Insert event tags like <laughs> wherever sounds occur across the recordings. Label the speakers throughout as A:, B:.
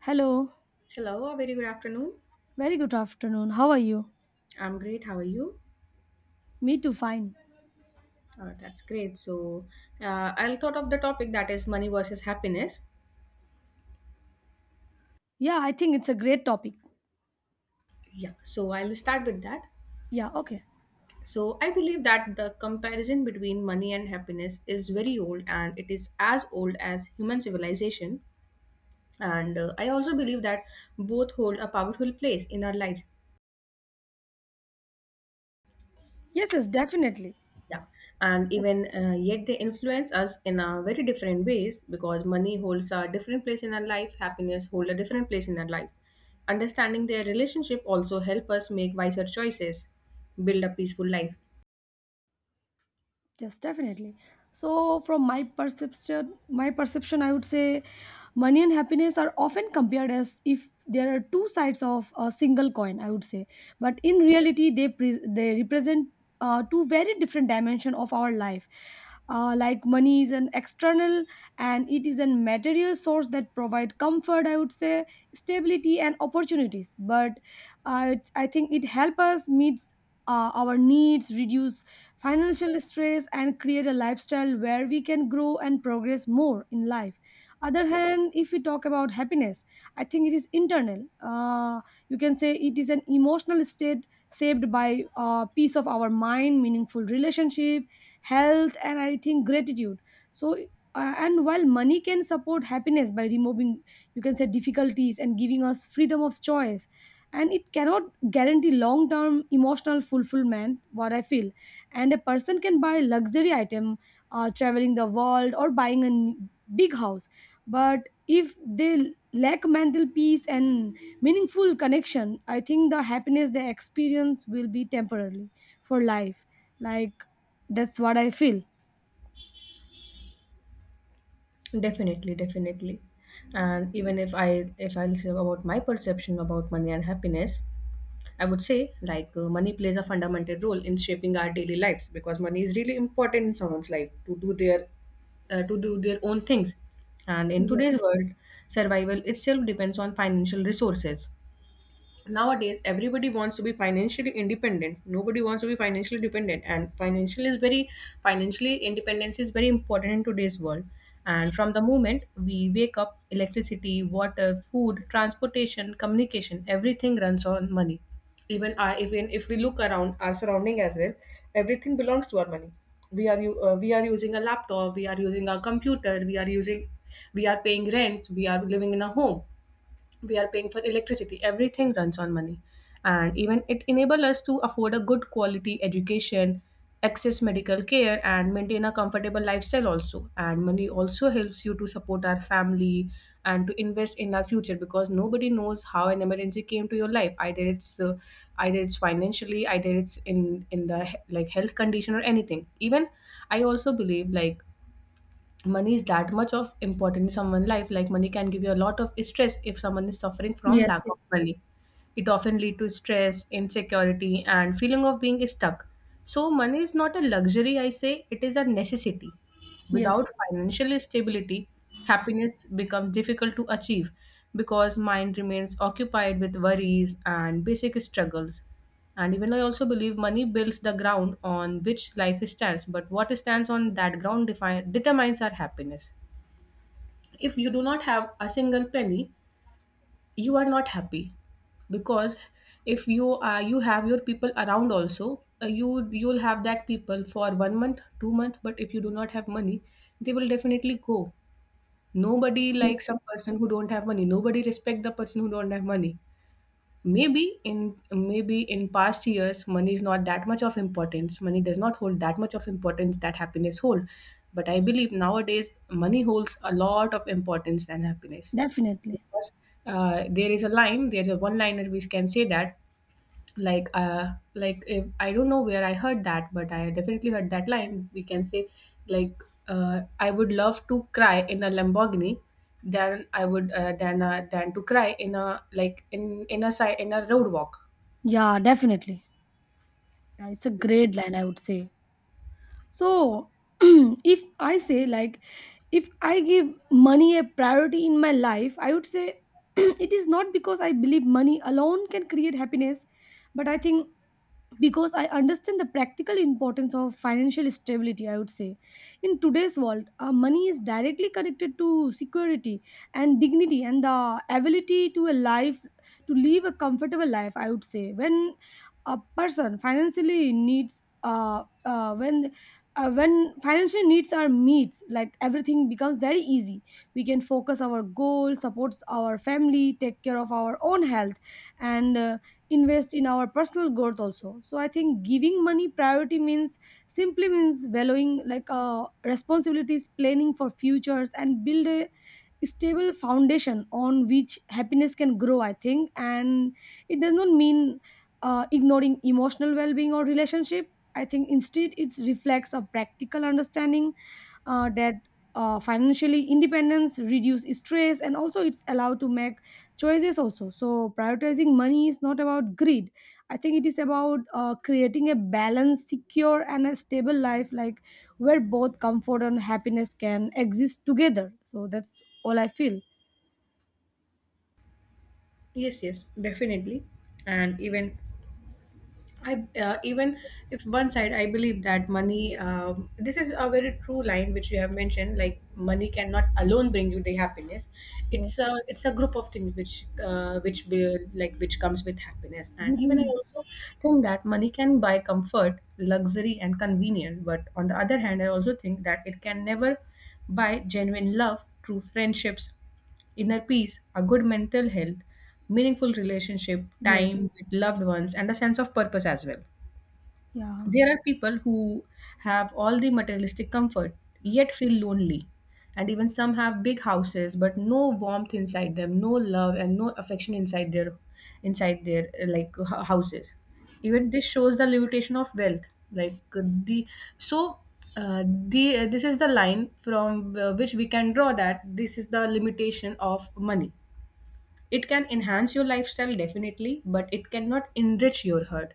A: Hello,
B: Hello, a very good afternoon.
A: very good afternoon. How are you?
B: I'm great. How are you?
A: Me too, fine.
B: That's great. I'll thought of the topic that is money versus happiness.
A: Yeah, I think it's a great topic.
B: Yeah. So I'll start with that.
A: Yeah, okay.
B: So I believe that the comparison between money and happiness is very old, and it is as old as human civilization. And I also believe that both hold a powerful place in our lives.
A: Yes, yes, definitely.
B: Yeah, and even yet they influence us in a very different ways, because money holds a different place in our life, happiness hold a different place in our life. Understanding their relationship also help us make wiser choices, build a peaceful life.
A: Yes, definitely. So, from my perception, I would say money and happiness are often compared as if there are two sides of a single coin, I would say, but in reality, they represent two very different dimension of our life. Like money is an external and it is a material source that provide comfort, I would say, stability and opportunities, but I think it help us meet our needs, reduce financial stress and create a lifestyle where we can grow and progress more in life. Other hand, if we talk about happiness, I think it is internal. uh, you can say it is an emotional state saved by peace of our mind, meaningful relationship, health, and I think gratitude. So and while money can support happiness by removing, you can say, difficulties and giving us freedom of choice, and it cannot guarantee long term emotional fulfillment, what I feel. And a person can buy luxury item, traveling the world or big house, but if they lack mental peace and meaningful connection, I think the happiness they experience will be temporarily for life, like, that's what I feel.
B: Definitely, definitely. And even if I'll say about my perception about money and happiness, I would say like money plays a fundamental role in shaping our daily lives, because money is really important in someone's life to do their to do their own things. And in
A: Yes,
B: today's world, survival itself depends on financial resources. Nowadays everybody wants to be financially independent, nobody wants to be financially dependent, and financially independence is very important in today's world. And from the moment we wake up, electricity, water, food, transportation, communication, everything runs on money. Even if we look around our surrounding as well, everything belongs to our money. We are we are using a laptop, we are using a computer, we are paying rent, we are living in a home, we are paying for electricity, everything runs on money. And even it enable us to afford a good quality education, access medical care, and maintain a comfortable lifestyle also. And money also helps you to support our family and to invest in our future, because nobody knows how an emergency came to your life. Either it's financially, either it's in in the health condition or anything. Even I also believe like money is that much of important in someone's life. Like money can give you a lot of stress if someone is suffering from
A: yes,
B: lack of money. It often lead to stress, insecurity, and feeling of being stuck. So money is not a luxury, I say it is a necessity.
A: yes,
B: Without financial stability, happiness becomes difficult to achieve, because mind remains occupied with worries and basic struggles. And even I also believe money builds the ground on which life stands, but what stands on that ground determines our happiness. If you do not have a single penny, you are not happy, because if you have your people around also, you you'll have that people for 1 month 2 month, but if you do not have money, they will definitely go. Nobody
A: yes,
B: likes a
A: yes,
B: person who don't have money, nobody respect the person who don't have money. Maybe in past years money is not that much of importance, money does not hold that much of importance that happiness hold. But I believe nowadays money holds a lot of importance than happiness,
A: definitely.
B: because there's a one liner which can say that, like if, I don't know where I heard that, but I definitely heard that line, we can say, like I would love to cry in a lamborghini than I would than to cry in a like in a side in a road walk.
A: Yeah, definitely. Yeah, it's a great line, I would say. So <clears throat> if I say, like, if I give money a priority in my life, I would say <clears throat> it is not because I believe money alone can create happiness, but I think because I understand the practical importance of financial stability, I would say. In today's world, money is directly connected to security and dignity and the ability to a life, to live a comfortable life, I would say. When a person financially needs when financial needs are meets, like, everything becomes very easy. We can focus our goal, supports our family, take care of our own health, and invest in our personal growth also. So I think giving money priority means simply means valuing, like, responsibilities, planning for futures and build a stable foundation on which happiness can grow, I think, and it does not mean ignoring emotional well-being or relationship. I think instead it reflects a practical understanding that financially independence reduce stress and also it's allowed to make choices also. So prioritizing money is not about greed, I think it is about creating a balanced, secure and a stable life, like, where both comfort and happiness can exist together. So that's all I feel.
B: Yes, yes, definitely. And even if one side I believe that money. This is a very true line which you have mentioned. Like money cannot alone bring you the happiness.
A: Yes.
B: It's a group of things which will like which comes with happiness. And even I
A: Mhm.
B: also think that money can buy comfort, luxury, and convenience. But on the other hand, I also think that it can never buy genuine love, true friendships, inner peace, a good mental health, meaningful relationship,
A: Yes.
B: time with loved ones, and a sense of purpose as well.
A: Yeah.
B: There are people who have all the materialistic comfort yet feel lonely. And even some have big houses, but no warmth inside them, no love and no affection inside their houses. Even this shows the limitation of wealth. Like the so the This is the line from which we can draw that this is the limitation of money. It can enhance your lifestyle definitely, but it cannot enrich your heart.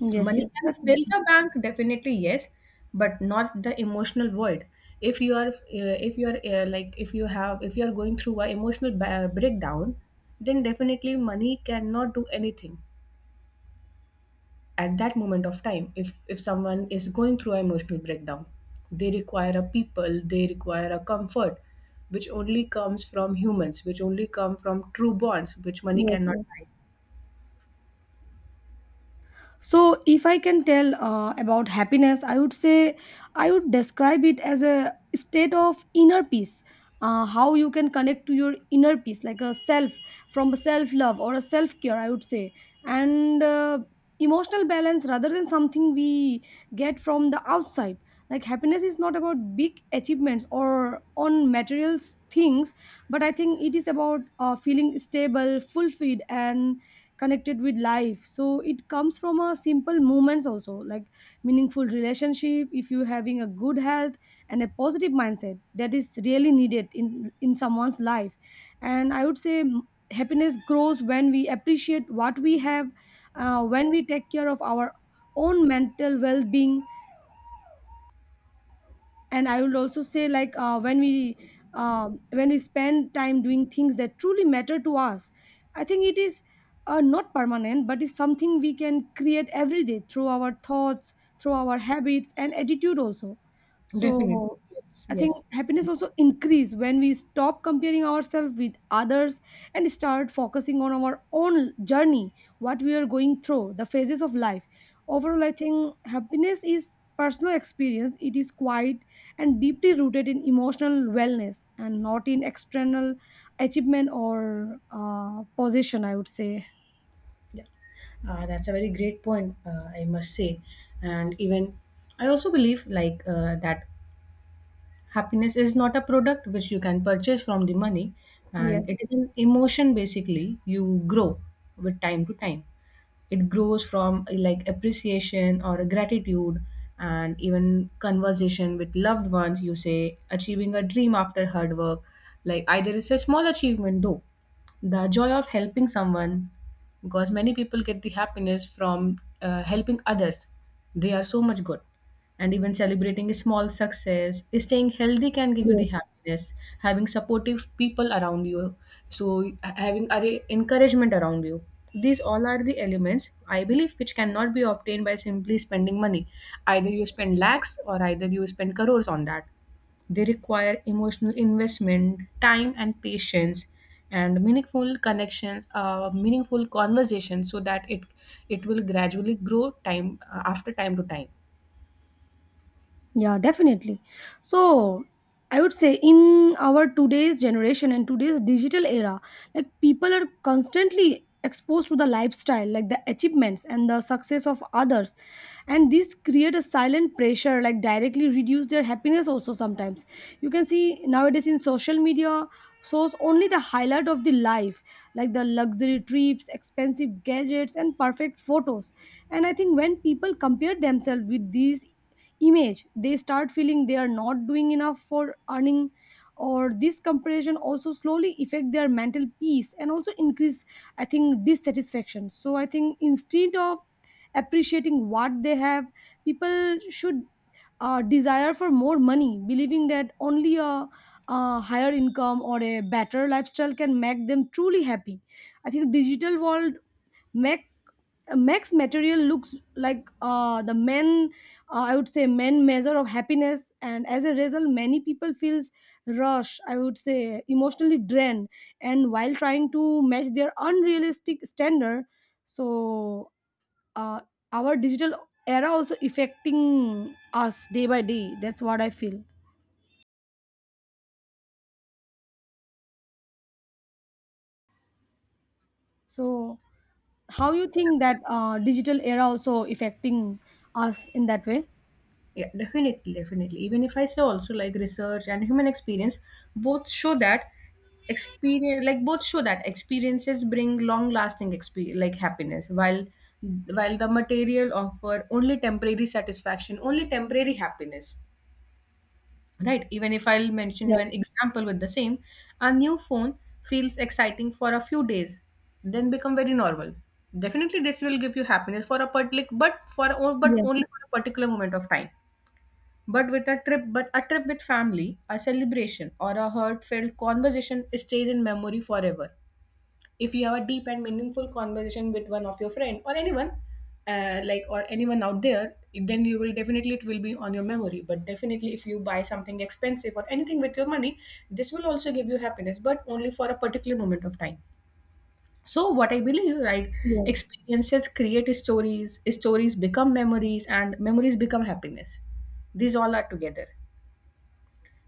A: Yes.
B: Money
A: Yes.
B: can fill
A: Definitely.
B: the bank definitely, yes, but not the emotional void. If you are like, if you have, if you are going through a breakdown, then definitely money cannot do anything at that moment of time. If someone is going through an emotional breakdown, they require a people, they require a comfort which only comes from humans, which only come from true bonds, which money
A: Yes.
B: cannot
A: Yes.
B: buy.
A: So if I can tell about happiness, I would say I would describe it as a state of inner peace, how you can connect to your inner peace, like a self, from self love or a self care, I would say, and emotional balance rather than something we get from the outside. Like happiness is not about big achievements or on materials things, but I think it is about feeling stable, fulfilled and connected with life. So it comes from a simple moments also, like meaningful relationship, if you having a good health and a positive mindset, that is really needed in someone's life. And I would say happiness grows when we appreciate what we have, when we take care of our own mental well-being, and I would also say, like, when we spend time doing things that truly matter to us. I think it is not permanent, but it's something we can create every day through our thoughts, through our habits and attitude also. So
B: Definitely. Yes.
A: I think
B: Yes.
A: happiness also increase when we stop comparing ourselves with others and start focusing on our own journey, what we are going through the phases of life. Overall, I think happiness is personal experience. It is quiet and deeply rooted in emotional wellness and not in external achievement or position, I would say.
B: Yeah. That's a very great point, I must say. And even I also believe that happiness is not a product which you can purchase from the money,
A: Yes,
B: and it is an emotion basically. You grow with time to time. It grows from like appreciation or gratitude, and even conversation with loved ones. You say achieving a dream after hard work, like either it's a small achievement though, the joy of helping someone, because many people get the happiness from helping others, they are so much good. And even celebrating a small success, staying healthy, can give you the
A: yes.
B: happiness, having supportive people around you. So having encouragement around you, these all are the elements I believe which cannot be obtained by simply spending money. Either you spend lakhs or either you spend crores on that, they require emotional investment, time and patience, and meaningful connections, meaningful conversations, so that it will gradually grow time after time to time.
A: Yeah, definitely. So I would say in our today's generation and today's digital era, like, people are constantly exposed to the lifestyle, like the achievements and the success of others. And these create a silent pressure, like directly reduce their happiness also sometimes. You can see nowadays in social media shows only the highlight of the life, like the luxury trips, expensive gadgets, and perfect photos. And I think when people compare themselves with these image, they start feeling they are not doing enough for earning, or this comparison also slowly affect their mental peace and also increase, I think, dissatisfaction. So I think instead of appreciating what they have, people should desire for more money, believing that only a higher income or a better lifestyle can make them truly happy. I think digital world make Max material looks like I would say, men measure of happiness, and as a result, many people feels rush, I would say, emotionally drained, and while trying to match their unrealistic standard. So uh, our digital era also affecting us day by day. That's what I feel. So, how you think that digital era also affecting us in that way?
B: Yeah, definitely, definitely. Even if I say also like research and human experience, both show that experience like both show that experiences bring long lasting experience like happiness, while the material offer only temporary satisfaction, only temporary happiness. Right, even if I'll mention you
A: Yes,
B: an example with the same, a new phone feels exciting for a few days, then become very normal. Definitely this will give you happiness for a particular but for but
A: yes,
B: only for a particular moment of time. But a trip with family, a celebration, or a heartfelt conversation stays in memory forever. If you have a deep and meaningful conversation with one of your friend or anyone, or anyone out there, then you will definitely, it will be on your memory. But definitely if you buy something expensive or anything with your money, this will also give you happiness, but only for a particular moment of time. So what I believe, right,
A: yes.
B: experiences create stories, stories become memories, and memories become happiness. These all are together.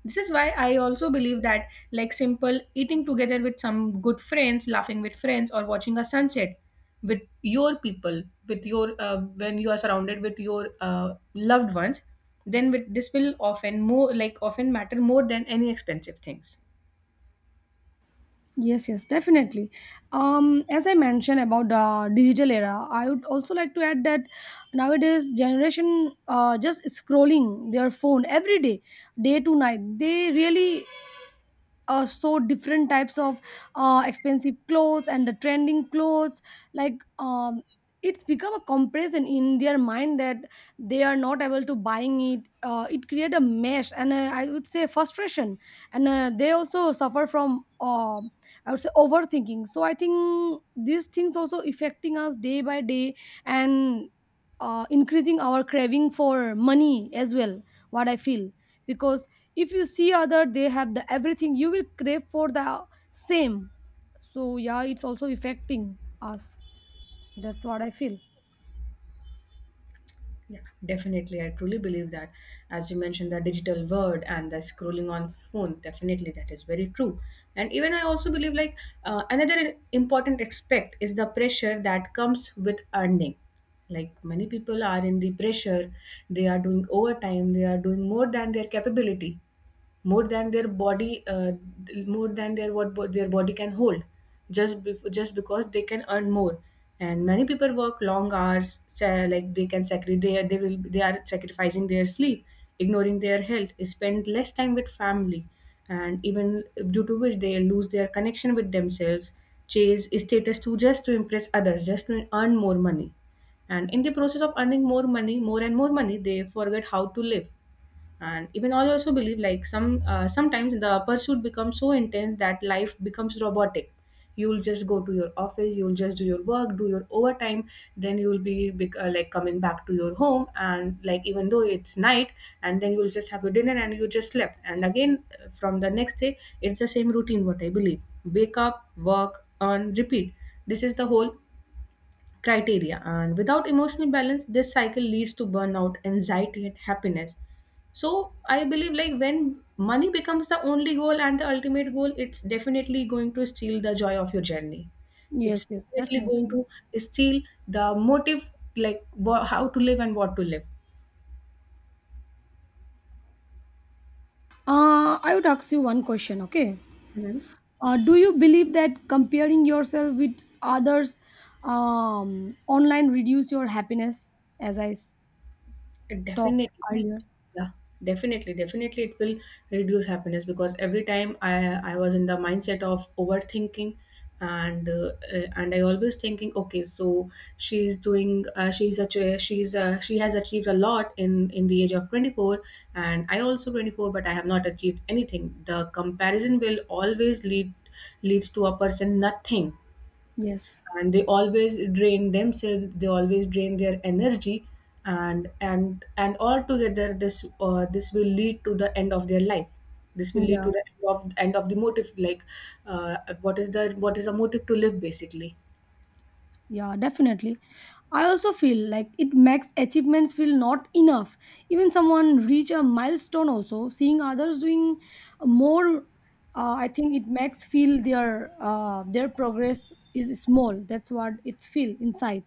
B: This is why I also believe that like simple eating together with some good friends, laughing with friends, or watching a sunset with your people, with your when you are surrounded with your loved ones, then with this will often more like often matter more than any expensive things.
A: Yes, yes, definitely. As I mentioned about the digital era, I would also like to add that nowadays generation just scrolling their phone every day, day to night. They really so different types of expensive clothes and the trending clothes, like, it's become a comparison in their mind that they are not able to buying it. Uh, it create a mess and I would say frustration, and they also suffer from I would say overthinking. So I think these things also affecting us day by day and increasing our craving for money as well, what I feel, because if you see other they have the everything, you will crave for the same. So yeah, it's also affecting us. That's what I feel.
B: Yeah, definitely. I truly believe that. As you mentioned, the digital world and the scrolling on phone, definitely that is very true. And even I also believe another important aspect is the pressure that comes with earning. Like many people are in the pressure, they are doing overtime, they are doing more than their capability, more than their body more than their their body can hold, just just because they can earn more. And many people work long hours, like they can sacrifice, they are sacrificing their sleep, ignoring their health, spend less time with family. And even due to which they lose their connection with themselves, chase status to just to impress others, just to earn more money. And in the process of earning more money, more and more money, they forget how to live. And even I also believe like sometimes the pursuit becomes so intense that life becomes robotic. You'll just go to your office, you'll just do your work, do your overtime, then you'll be coming back to your home, and like even though it's night, and then you'll just have your dinner and you just slept. And again from the next day it's the same routine. What I believe, wake up, work, earn, repeat. This is the whole criteria, and without emotional balance this cycle leads to burnout, anxiety and happiness. So I believe like when money becomes the only goal and the ultimate goal, it's definitely going to steal the joy of your journey. It's
A: Yes, yes,
B: definitely going
A: definitely.
B: to steal the motive, like how to live and what to live.
A: I would ask you one question. Okay.
B: Mhm.
A: Do you believe that comparing yourself with others online reduce your happiness? As I s- talked
B: Definitely.
A: earlier,
B: Yeah, definitely. Definitely it will reduce happiness because every time I was in the mindset of overthinking and I always thinking okay, so she's doing she's a she's she has achieved a lot in the age of 24, and I also 24, but I have not achieved anything. The comparison will always leads to a person nothing,
A: yes,
B: and they always drain themselves, they always drain their energy. And altogether, this will lead to the end of their life, this will lead
A: yeah,
B: to the end of the motive, like uh, what is a motive to live basically.
A: yeah, definitely. I also feel like it makes achievements feel not enough. Even someone reach a milestone, also seeing others doing more, I think it makes feel their progress is small. That's what it feel inside.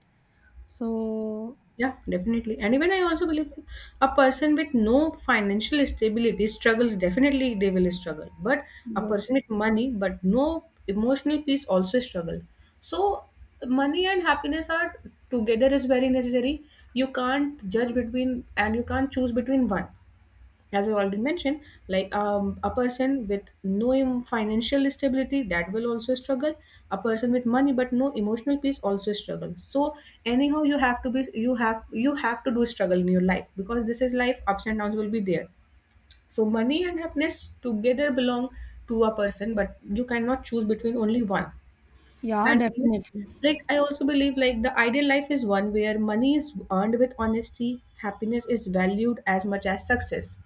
A: So
B: Yeah, definitely. And even I also believe a person with no financial stability struggles, definitely they will struggle. But a
A: yes,
B: person
A: yes.
B: with money but no emotional peace also struggle. So money and happiness are together is very necessary. You can't judge between and you can't choose between one, as I already mentioned, like a person with no financial stability, that will also struggle. A person with money but no emotional peace also struggle. So anyhow, you have to be, you have to do struggle in your life because this is life. Ups and downs will be there. So money and happiness together belong to a person, but you cannot choose between only one.
A: Yeah,
B: And even-
A: definitely.
B: like, I also believe, like, the ideal life is one where money is earned with honesty, happiness is valued as much as success,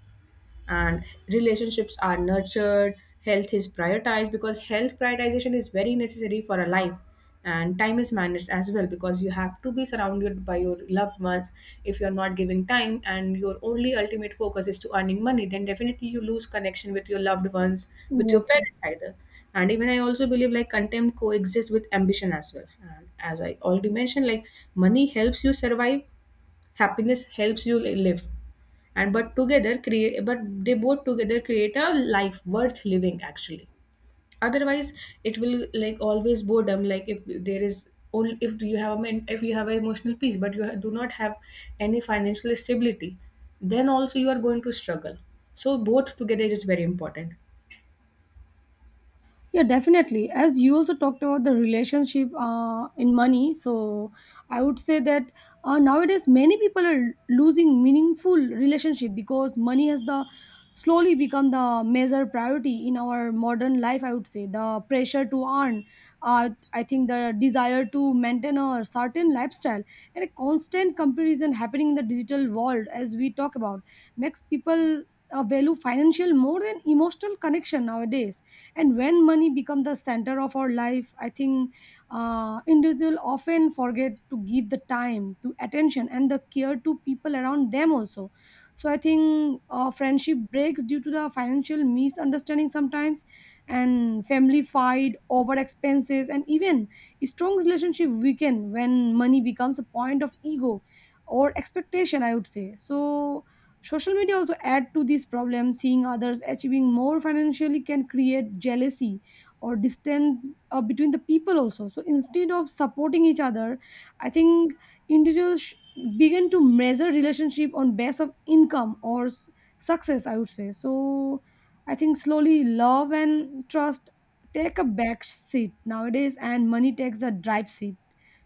B: and relationships are nurtured, health is prioritized because health prioritization is very necessary for a life, and time is managed as well because you have to be surrounded by your loved ones. If you are not giving time and your only ultimate focus is to earning money, then definitely you lose connection with your loved ones, with your
A: Yes.
B: parents either. And even I also believe, like, contempt coexists with ambition as well. And as I already mentioned, like, money helps you survive, happiness helps you live, and but they both together create a life worth living actually. Otherwise, it will, like, always boredom. Like, if there is, only if you have if you have an emotional peace but you do not have any financial stability, then also you are going to struggle. So both together is very important.
A: Yeah, definitely. As you also talked about the relationship in money, so I would say that nowadays many people are losing meaningful relationship because money has the slowly become the major priority in our modern life, I would say. The pressure to earn, I think the desire to maintain a certain lifestyle and a constant comparison happening in the digital world, as we talk about, makes people value financial more than emotional connection nowadays. And when money becomes the center of our life, I think individuals often forget to give the time to attention and the care to people around them also. So I think friendship breaks due to the financial misunderstanding sometimes, and family fight over expenses, and even strong relationship weaken when money becomes a point of ego or expectation, I would say. So social media also add to this problem. Seeing others achieving more financially can create jealousy or distance between the people also. So instead of supporting each other, I think individuals sh- begin to measure relationship on base of income or success, I would say. So I think slowly love and trust take a back seat nowadays, and money takes the drive seat.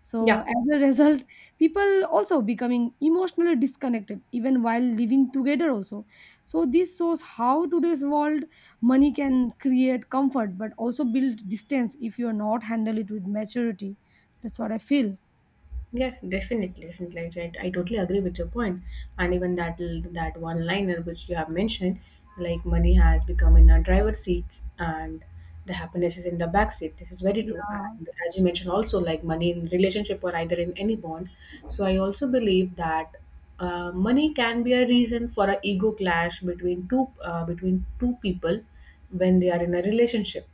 A: So
B: Yeah,
A: as a <laughs> result, people also becoming emotionally disconnected even while living together also. So this shows how today's world money can create comfort but also build distance if you are not handle it with maturity. That's what I feel.
B: Yeah, definitely, definitely. Like. Right. I totally agree with your point. And even that one liner which you have mentioned, like money has become in the driver's seat and the happiness is in the back seat. This is very true.
A: Yeah,
B: And as you mentioned also, like money in relationship or either in any bond. So I also believe that money can be a reason for a ego clash between two people when they are in a relationship.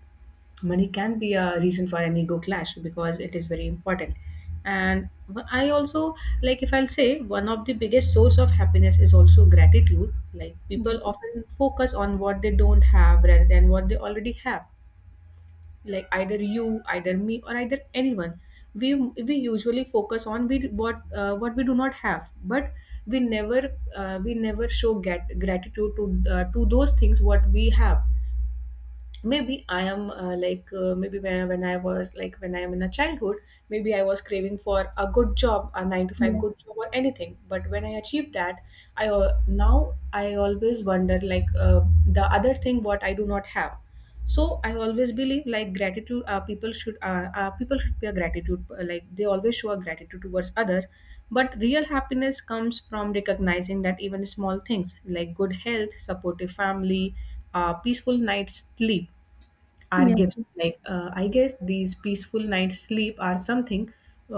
B: Money can be a reason for an ego clash because it is very important. And wh- I also like, if I'll say, one of the biggest source of happiness is also gratitude. Like, people
A: yes,
B: often focus on what they don't have rather than what they already have. Like, either you, either me, or either anyone, we usually focus on we what we do not have. But we never we never show gratitude to those things what we have. Maybe I am, maybe when, I was, like, when I am in a childhood, maybe I was craving for a good job, a 9 to 5
A: yes,
B: good job or anything, but when I achieved that, I now I always wonder, like, the other thing what I do not have. So I always believe, like, gratitude, people should, people should be a gratitude, like, they always show a gratitude towards others. But real happiness comes from recognizing that even small things like good health, supportive family, peaceful night's sleep are
A: yes,
B: gifts. Like, I guess these peaceful nights sleep are something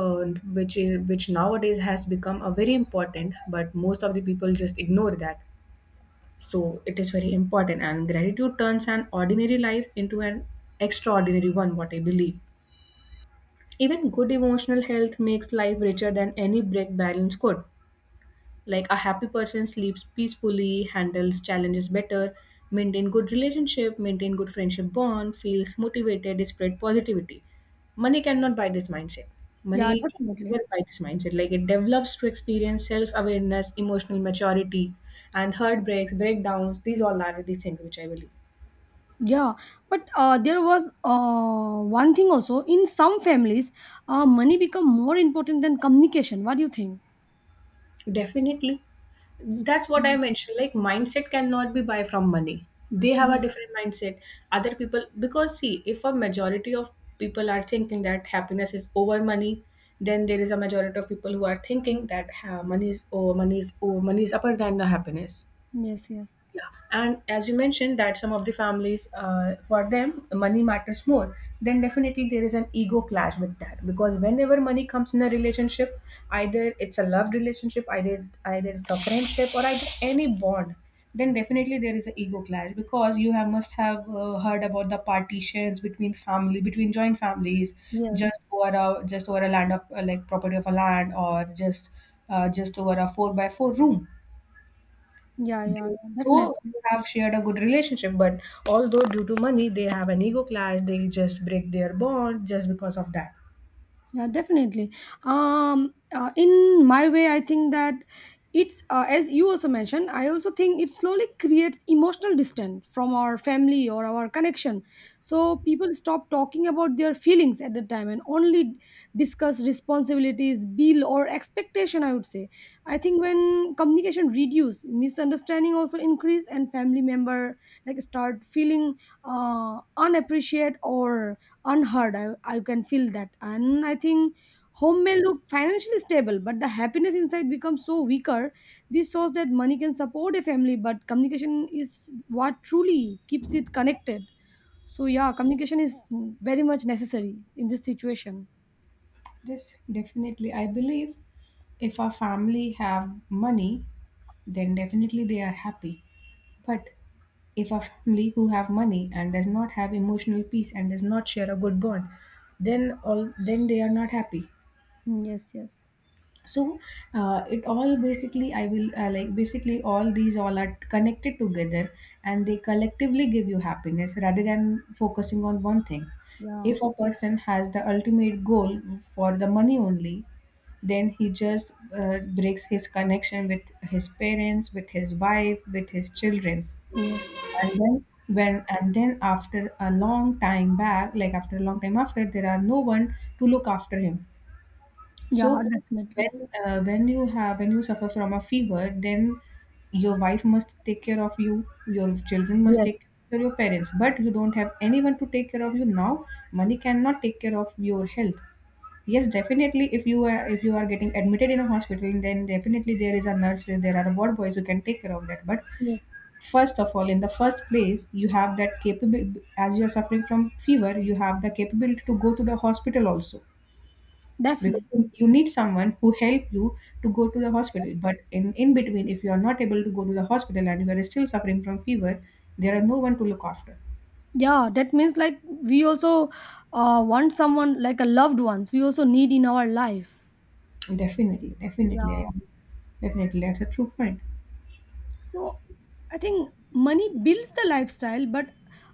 B: uh, which nowadays has become a very important, but most of the people just ignore that. So it is very important, and gratitude turns an ordinary life into an extraordinary one, what I believe. Even good emotional health makes life richer than any break balance could. Like, a happy person sleeps peacefully, handles challenges better, maintain good relationship, maintain good friendship bond, feels motivated, spread positivity. Money cannot buy this mindset.
A: yeah,
B: Money can
A: definitely.
B: never buy this mindset. Like, it develops to experience self-awareness, emotional maturity, and heartbreaks, breakdowns. These all are the things which I believe.
A: Yeah, but there was one thing also, in some families, money become more important than communication. What do you think?
B: Definitely, that's what I
A: Mm,
B: mentioned, like, mindset cannot be buy from money. They have a different mindset, other people, because, see, if a majority of people are thinking that happiness is over money, then there is a majority of people who are thinking that ha, money is oh money is oh money is upper than the happiness.
A: yes, yes, yes,
B: Yeah, and as you mentioned that some of the families, for them, money matters more. Then definitely there is an ego clash with that, because whenever money comes in a relationship, either it's a love relationship, either it's a friendship, or either any bond, then definitely there is an ego clash because you have must have heard about the partitions between family between joint families, just
A: yes,
B: over a land of, like, property of a land, or just over a four by four room.
A: yeah,
B: they,
A: yeah, yeah,
B: though
A: definitely.
B: they have shared a good relationship, but although due to money they have an ego clash, they'll just break their bond just because of that.
A: Yeah, definitely. In my way, I think that it's as you also mentioned, I also think it slowly creates emotional distance from our family or our connection. So people stop talking about their feelings at the time and only discuss responsibilities, bill, or expectation, I would say. I think when communication reduce, misunderstanding also increase, and family member like start feeling unappreciated or unheard, I can feel that. And I think home may look financially stable but the happiness inside becomes so weaker. This shows that money can support a family but communication is what truly keeps it connected. So yeah, communication is very much necessary in this situation.
B: Yes, definitely. I believe if our family have money, then definitely they are happy. But if a family who have money and does not have emotional peace and does not share a good bond, then all then they are not happy.
A: Mm, yes, yes,
B: So it all, basically, I will like, basically, all these all are connected together and they collectively give you happiness rather than focusing on one thing.
A: yeah,
B: If a person has the ultimate goal for the money only, then he just breaks his connection with his parents, with his wife, with his children.
A: yes,
B: And then after a long time back, like, after a long time, after, there are no one to look after him.
A: yeah,
B: So
A: definitely,
B: when you suffer from a fever, then your wife must take care of you, your children must
A: yes,
B: take care of your parents, but you don't have anyone to take care of you now. Money cannot take care of your health. Yes, definitely. If you are, getting admitted in a hospital, then definitely there is a nurse, there are ward boys who can take care of that. But
A: yes,
B: first of all, in the first place, you have that capability. As you are suffering from fever, you have the capability to go to the hospital also, because
A: definitely.
B: you need someone who help you to go to the hospital. But in between, if you are not able to go to the hospital and you are still suffering from fever, there are no one to look after.
A: Yeah, that means like we also want someone like a loved ones, we also need in our life.
B: Definitely, definitely, I
A: Yeah.
B: am. Definitely, that's a true point.
A: So I think money builds the lifestyle, but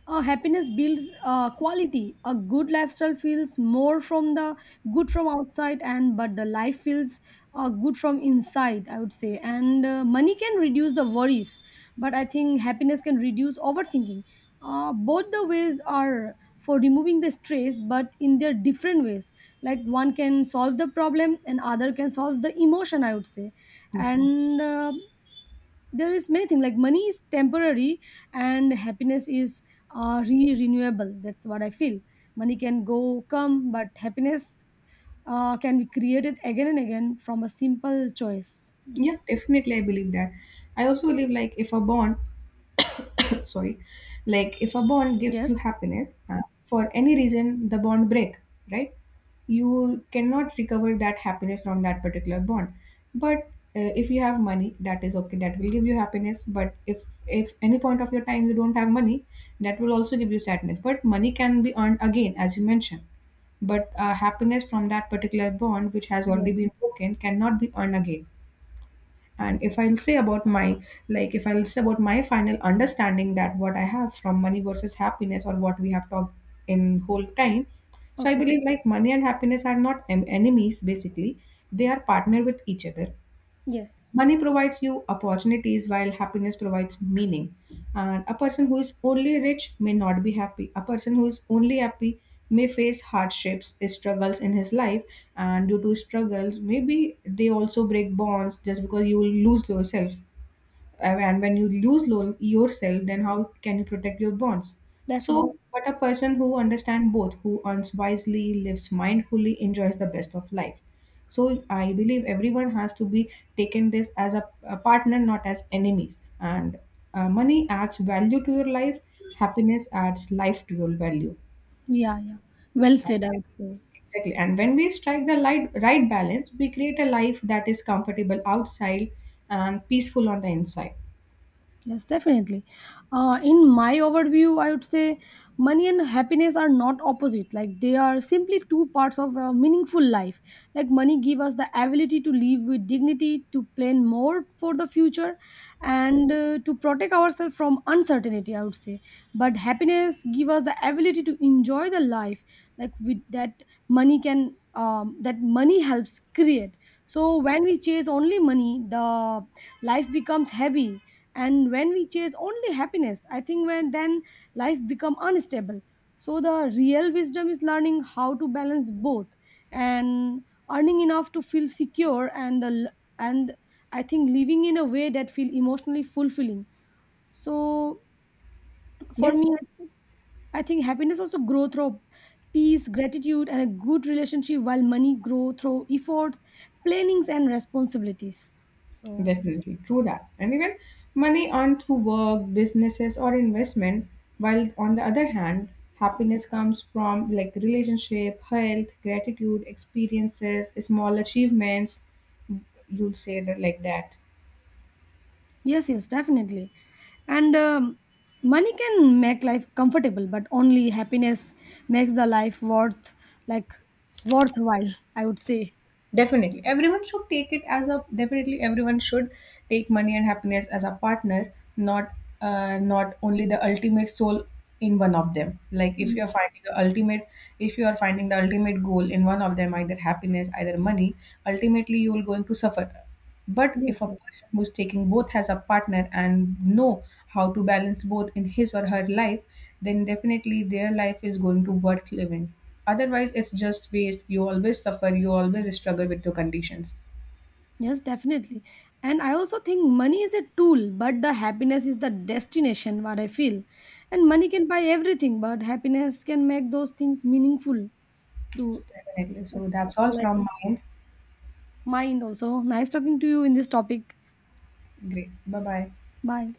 A: happiness builds quality. A good lifestyle feels more from the good from outside, and but the life feels good from inside, I would say. And money can reduce the worries, but I think happiness can reduce overthinking. Both the ways are for removing the stress, but in their different ways. Like one can solve the problem, and other can solve the emotion, I would say. And there is many things, like money is temporary and happiness is renewable, that's what I feel. Money can go come, but happiness can be created again and again from a simple choice,
B: Yeah,
A: that's,
B: definitely, I believe that. I also believe, like, if a bond <coughs> sorry, like, if a bond gives
A: yes,
B: you happiness, for any reason the bond break, right, you cannot recover that happiness from that particular bond. But if you have money, that is okay, that will give you happiness. But if, any point of your time you don't have money, that will also give you sadness. But money can be earned again, as you mentioned, but happiness from that particular bond, which has
A: yeah.
B: already been broken, cannot be earned again. And if I'll say about my like if I'll say about my final understanding, that what I have from money versus happiness, or what we have talked in whole time, so I
A: Okay.
B: believe, like, money and happiness are not enemies basically. They are partner with each other.
A: Yes,
B: Money provides you opportunities, while happiness provides meaning. And a person who is only rich may not be happy. A person who is only happy may face hardships, struggles in his life, and due to struggles, maybe they also break bonds just because you will lose yourself. And when you lose yourself, then how can you protect your bonds.
A: definitely,
B: So, but a person who understands both, who earns wisely, lives mindfully, enjoys the best of life. So I believe everyone has to be taken this as a partner, not as enemies. And money adds value to your life, happiness adds life to your value.
A: yeah, yeah.
B: Yeah.
A: Well said, I would say.
B: Exactly. And when we strike the right balance, we create a life that is comfortable outside and peaceful on the inside.
A: Yes, definitely. In my overview, I would say money and happiness are not opposite. Like they are simply two parts of a meaningful life. Like money give us the ability to live with dignity, to plan more for the future, and to protect ourselves from uncertainty, I would say. But happiness give us the ability to enjoy the life, like with that money can that money helps create. So when we chase only money, the life becomes heavy, and when we chase only happiness, I think, when then life become unstable. So the real wisdom is learning how to balance both, and earning enough to feel secure and and I think living in a way that feel emotionally fulfilling. So for
B: Yes.
A: me, I think happiness also grow through peace, gratitude and a good relationship, while money grow through efforts, plannings and responsibilities. So
B: Definitely, true that. And even money earned through work, businesses, or investment, while on the other hand, happiness comes from, like, relationship, health, gratitude, experiences, small achievements. You'll say that like that.
A: yes, yes, definitely. And money can make life comfortable, but only happiness makes the life worth, like, worthwhile, I would say.
B: Definitely, everyone should take it as a, definitely, everyone should take money and happiness as a partner, not only the ultimate soul in one of them. Like, if you are finding the ultimate, if you are finding the ultimate, goal in one of them, either happiness, either money, ultimately you will going to suffer. But
A: Yes,
B: if a
A: yes.
B: person who's taking both has a partner and know how to balance both in his or her life, then definitely their life is going to worth living. Otherwise, it's just waste. You always suffer, you always struggle with your conditions.
A: Yes, definitely. And I also think money is a tool, but the happiness is the destination, what I feel. And money can buy everything, but happiness can make those things meaningful to,
B: Yes, definitely. So
A: that's
B: that's all
A: like
B: from my end.
A: mind also. Nice talking to you in this topic.
B: Great. Bye bye.
A: Bye.